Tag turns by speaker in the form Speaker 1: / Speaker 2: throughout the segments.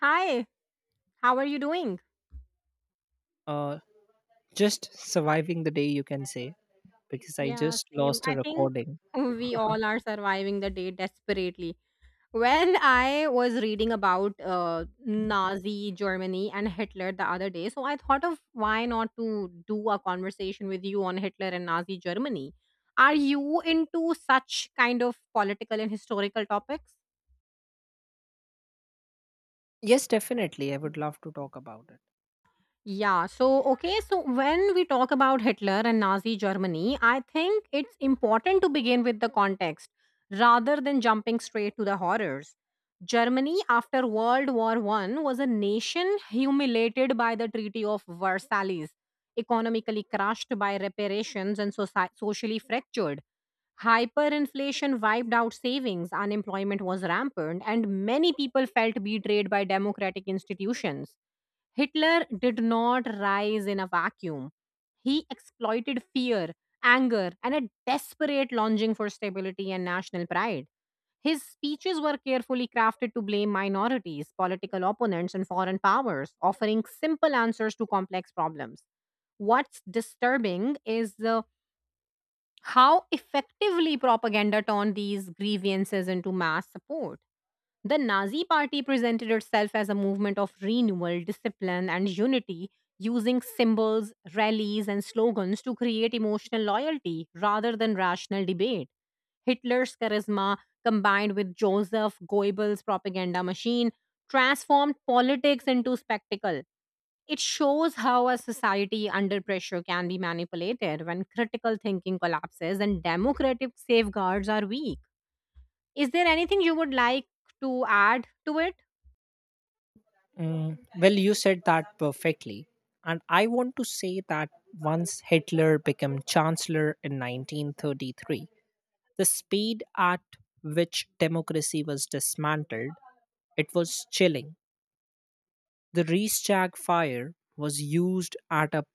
Speaker 1: Hi, how are you doing?
Speaker 2: Uh, just surviving the day, you can say, because I
Speaker 1: Yeah,
Speaker 2: just
Speaker 1: same.
Speaker 2: lost a
Speaker 1: I think
Speaker 2: recording.
Speaker 1: we
Speaker 2: Uh-huh.
Speaker 1: all are surviving the day desperately. When I was reading about Nazi Germany and Hitler the other day, so I thought of why not to do a conversation with you on Hitler and Nazi Germany. Are you into such kind of political and historical topics?
Speaker 2: Yes, definitely. I would love to talk about it.
Speaker 1: Yeah, so okay, so when we talk about Hitler and Nazi Germany, I think it's important to begin with the context rather than jumping straight to the horrors. Germany after World War 1 was a nation humiliated by the Treaty of Versailles, economically crushed by reparations and socially fractured. Hyperinflation wiped out savings, unemployment was rampant, and many people felt betrayed by democratic institutions. Hitler did not rise in a vacuum. He exploited fear, anger, and a desperate longing for stability and national pride. His speeches were carefully crafted to blame minorities, political opponents, and foreign powers, offering simple answers to complex problems. What's disturbing is the How effectively propaganda turned these grievances into mass support. The Nazi Party presented itself as a movement of renewal, discipline, and unity, using symbols, rallies, and slogans to create emotional loyalty rather than rational debate. Hitler's charisma, combined with Joseph Goebbels' propaganda machine, transformed politics into spectacle. It shows how a society under pressure can be manipulated when critical thinking collapses and democratic safeguards are weak. Is there anything you would like to add to it?
Speaker 2: Mm, well, you said that perfectly. And I want to say that once Hitler became chancellor in 1933, the speed at which democracy was dismantled, it was chilling. The Reichstag fire was used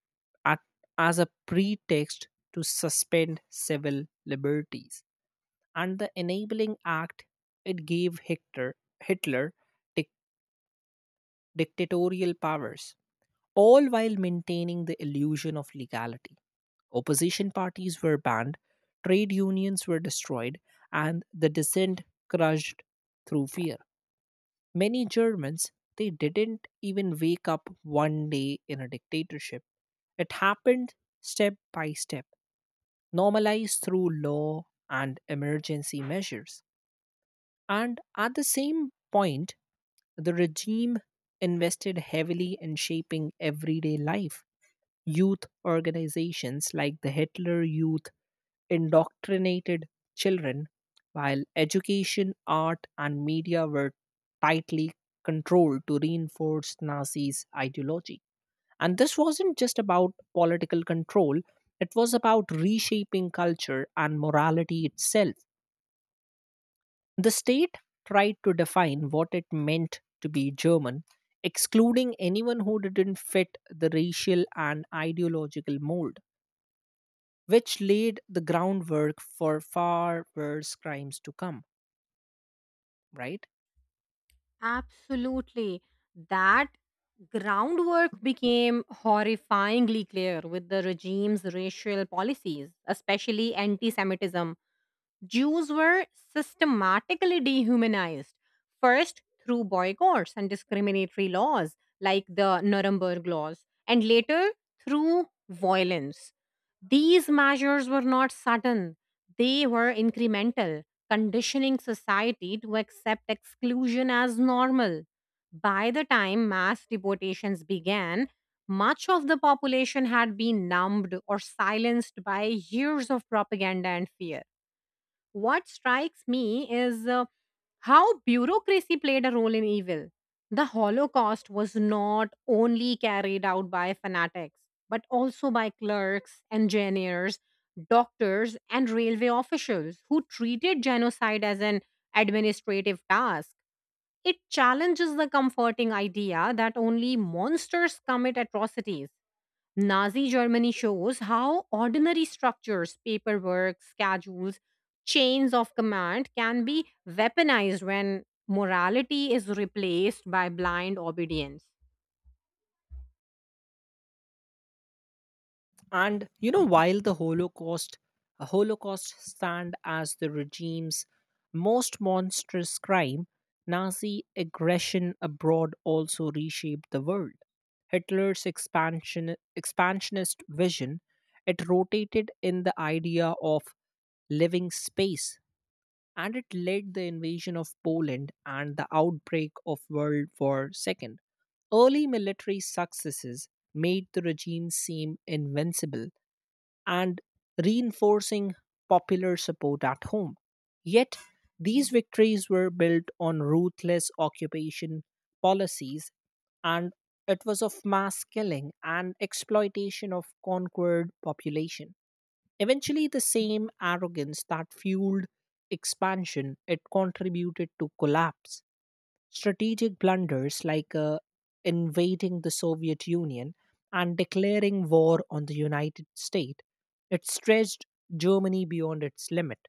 Speaker 2: at, as a pretext to suspend civil liberties. And the enabling act it gave Hitler dic- dictatorial powers, all while maintaining the illusion of legality. Opposition parties were banned, trade unions were destroyed, and the dissent crushed through fear. Many Germans they didn't even wake up one day in a dictatorship. It happened step by step, normalized through law and emergency measures. And at the same point, the regime invested heavily in shaping everyday life. Youth organizations like the Hitler Youth indoctrinated children, while education, art, and media were tightly controlled to reinforce Nazis' ideology. And this wasn't just about political control, it was about reshaping culture and morality itself. The state tried to define what it meant to be German, excluding anyone who didn't fit the racial and ideological mold, which laid the groundwork for far worse crimes to come, right?
Speaker 1: Absolutely. That groundwork became horrifyingly clear with the regime's racial policies, especially anti Semitism Jews were systematically dehumanized, first through boycotts and discriminatory laws like the Nuremberg Laws, and later through violence. These measures were not sudden, they were incremental, conditioning society to accept exclusion as normal. By the time mass deportations began, much of the population had been numbed or silenced by years of propaganda and fear. What strikes me is how bureaucracy played a role in evil. The Holocaust was not only carried out by fanatics, but also by clerks, engineers, doctors, and railway officials who treated genocide as an administrative task. It challenges the comforting idea that only monsters commit atrocities. Nazi Germany shows how ordinary structures, paperwork, schedules, chains of command can be weaponized when morality is replaced by blind obedience.
Speaker 2: And you know, while the Holocaust stand as the regime's most monstrous crime, Nazi aggression abroad also reshaped the world. Hitler's expansionist vision, it rotated in the idea of living space and it led the invasion of Poland and the outbreak of World War II. Early military successes made the regime seem invincible and reinforcing popular support at home. Yet, these victories were built on ruthless occupation policies, and it was of mass killing and exploitation of conquered population. Eventually, the same arrogance that fueled expansion it contributed to collapse. Strategic blunders like invading the Soviet Union and declaring war on the United States, it stretched Germany beyond its limit.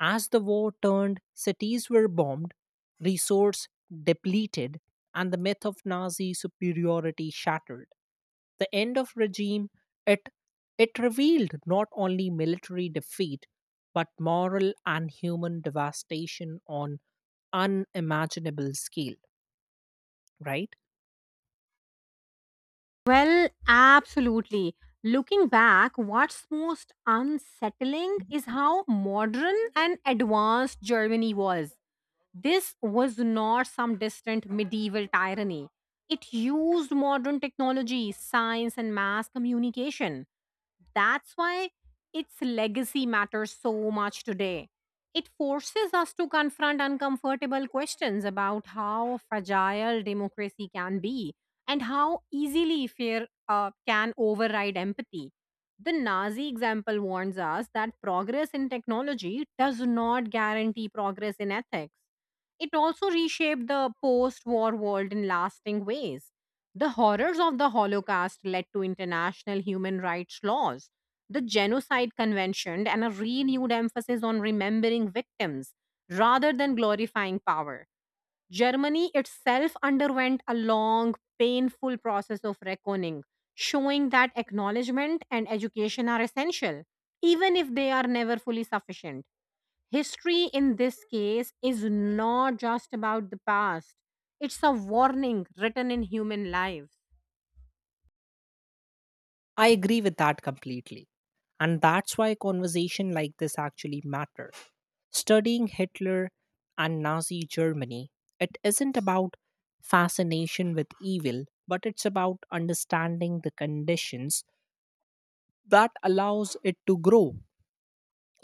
Speaker 2: As the war turned, cities were bombed, resource depleted, and the myth of Nazi superiority shattered. The end of regime, it it revealed not only military defeat, but moral and human devastation on unimaginable scale, right?
Speaker 1: Well, absolutely. Looking back, what's most unsettling is how modern and advanced Germany was. This was not some distant medieval tyranny. It used modern technology, science, and mass communication. That's why its legacy matters so much today. It forces us to confront uncomfortable questions about how fragile democracy can be, and how easily fear can override empathy. The Nazi example warns us that progress in technology does not guarantee progress in ethics. It also reshaped the post war world in lasting ways. The horrors of the Holocaust led to international human rights laws, the Genocide Convention, and a renewed emphasis on remembering victims rather than glorifying power. Germany itself underwent a long, painful process of reckoning, showing that acknowledgement and education are essential, even if they are never fully sufficient. History in this case is not just about the past, it's a warning written in human lives.
Speaker 2: I agree with that completely. And that's why conversation like this actually matter. Studying Hitler and Nazi Germany, it isn't about fascination with evil, but it's about understanding the conditions that allows it to grow.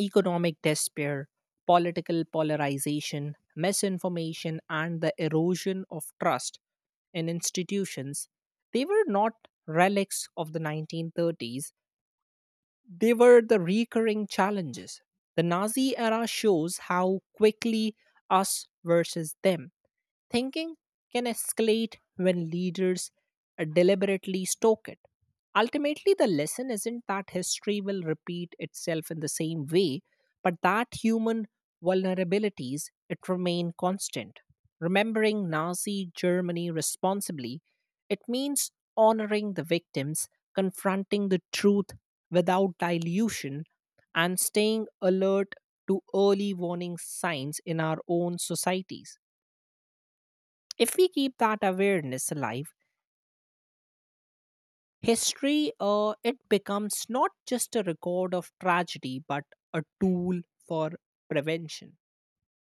Speaker 2: Economic despair, political polarization, misinformation and the erosion of trust in institutions, they were not relics of the 1930s. They were the recurring challenges. The Nazi era shows how quickly us versus them thinking can escalate when leaders deliberately stoke it. Ultimately, the lesson isn't that history will repeat itself in the same way, but that human vulnerabilities it remain constant. Remembering Nazi Germany responsibly, it means honoring the victims, confronting the truth without dilution, and staying alert to early warning signs in our own societies. If we keep that awareness alive, history it becomes not just a record of tragedy but a tool for prevention.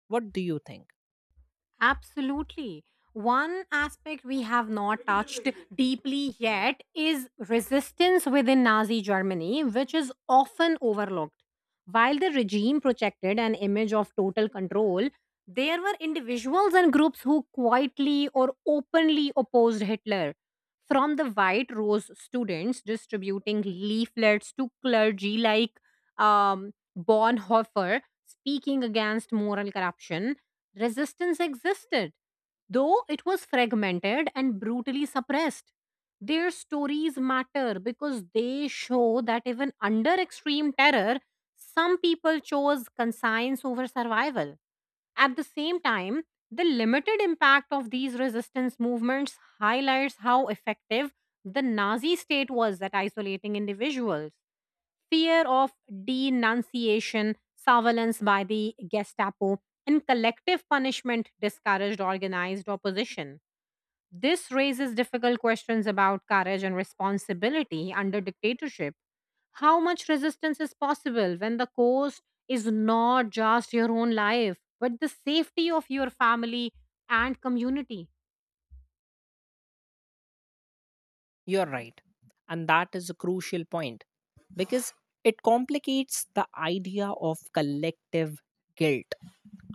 Speaker 2: What do you think?
Speaker 1: Absolutely. One aspect we have not touched deeply yet is resistance within Nazi Germany, which is often overlooked. While the regime projected an image of total control, there were individuals and groups who quietly or openly opposed Hitler. From the White Rose students distributing leaflets to clergy like Bonhoeffer speaking against moral corruption. Resistance existed, though it was fragmented and brutally suppressed. Their stories matter because they show that even under extreme terror, some people chose conscience over survival. At the same time, the limited impact of these resistance movements highlights how effective the Nazi state was at isolating individuals. Fear of denunciation, surveillance by the Gestapo, and collective punishment discouraged organized opposition. This raises difficult questions about courage and responsibility under dictatorship. How much resistance is possible when the cost is not just your own life, but the safety of your family and community?
Speaker 2: You're right. And that is a crucial point because it complicates the idea of collective guilt.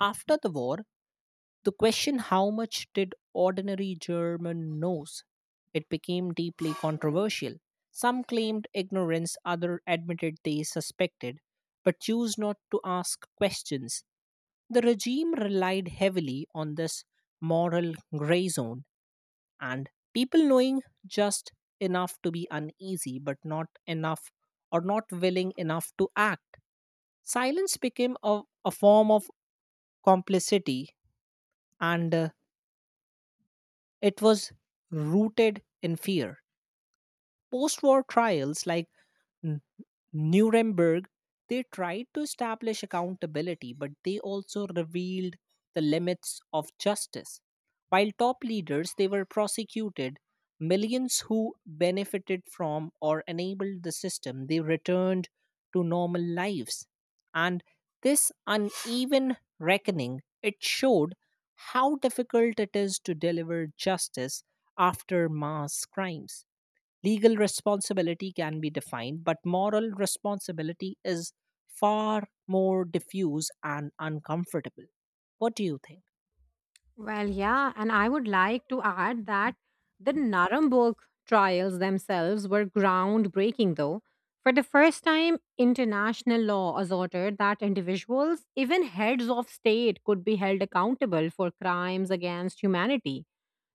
Speaker 2: After the war, the question how much did ordinary German knows? It became deeply controversial. Some claimed ignorance, others admitted they suspected, but chose not to ask questions. The regime relied heavily on this moral gray zone and people knowing just enough to be uneasy but not enough or not willing enough to act silence became a form of complicity and it was rooted in fear post-war trials like Nuremberg, they tried to establish accountability, but they also revealed the limits of justice. While top leaders, they were prosecuted. Millions who benefited from or enabled the system, they returned to normal lives. And this uneven reckoning, it showed how difficult it is to deliver justice after mass crimes. Legal responsibility can be defined, but moral responsibility is far more diffuse and uncomfortable. What do you think?
Speaker 1: Well, yeah, and I would like to add that the Nuremberg trials themselves were groundbreaking, though. For the first time, international law asserted that individuals, even heads of state, could be held accountable for crimes against humanity.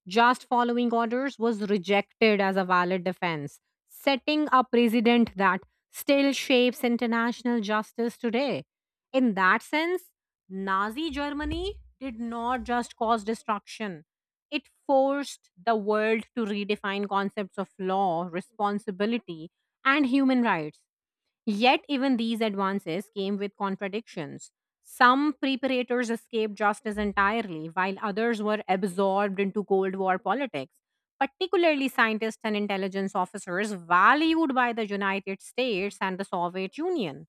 Speaker 1: Just following orders was rejected as a valid defense, setting a precedent that still shapes international justice today. In that sense, Nazi Germany did not just cause destruction, it forced the world to redefine concepts of law, responsibility, and human rights. Yet, even these advances came with contradictions. Some preparators escaped justice entirely, while others were absorbed into Cold War politics, particularly scientists and intelligence officers valued by the United States and the Soviet Union.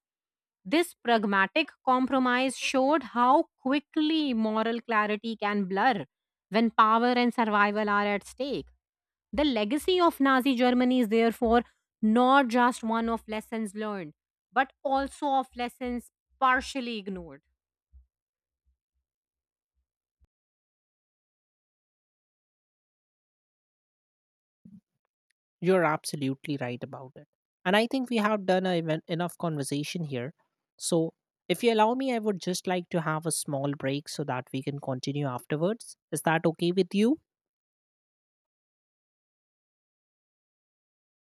Speaker 1: This pragmatic compromise showed how quickly moral clarity can blur when power and survival are at stake. The legacy of Nazi Germany is therefore not just one of lessons learned, but also of lessons partially ignored.
Speaker 2: You're absolutely right about it. And I think we have done enough conversation here. So, if you allow me, I would just like to have a small break so that we can continue afterwards. Is that okay with you?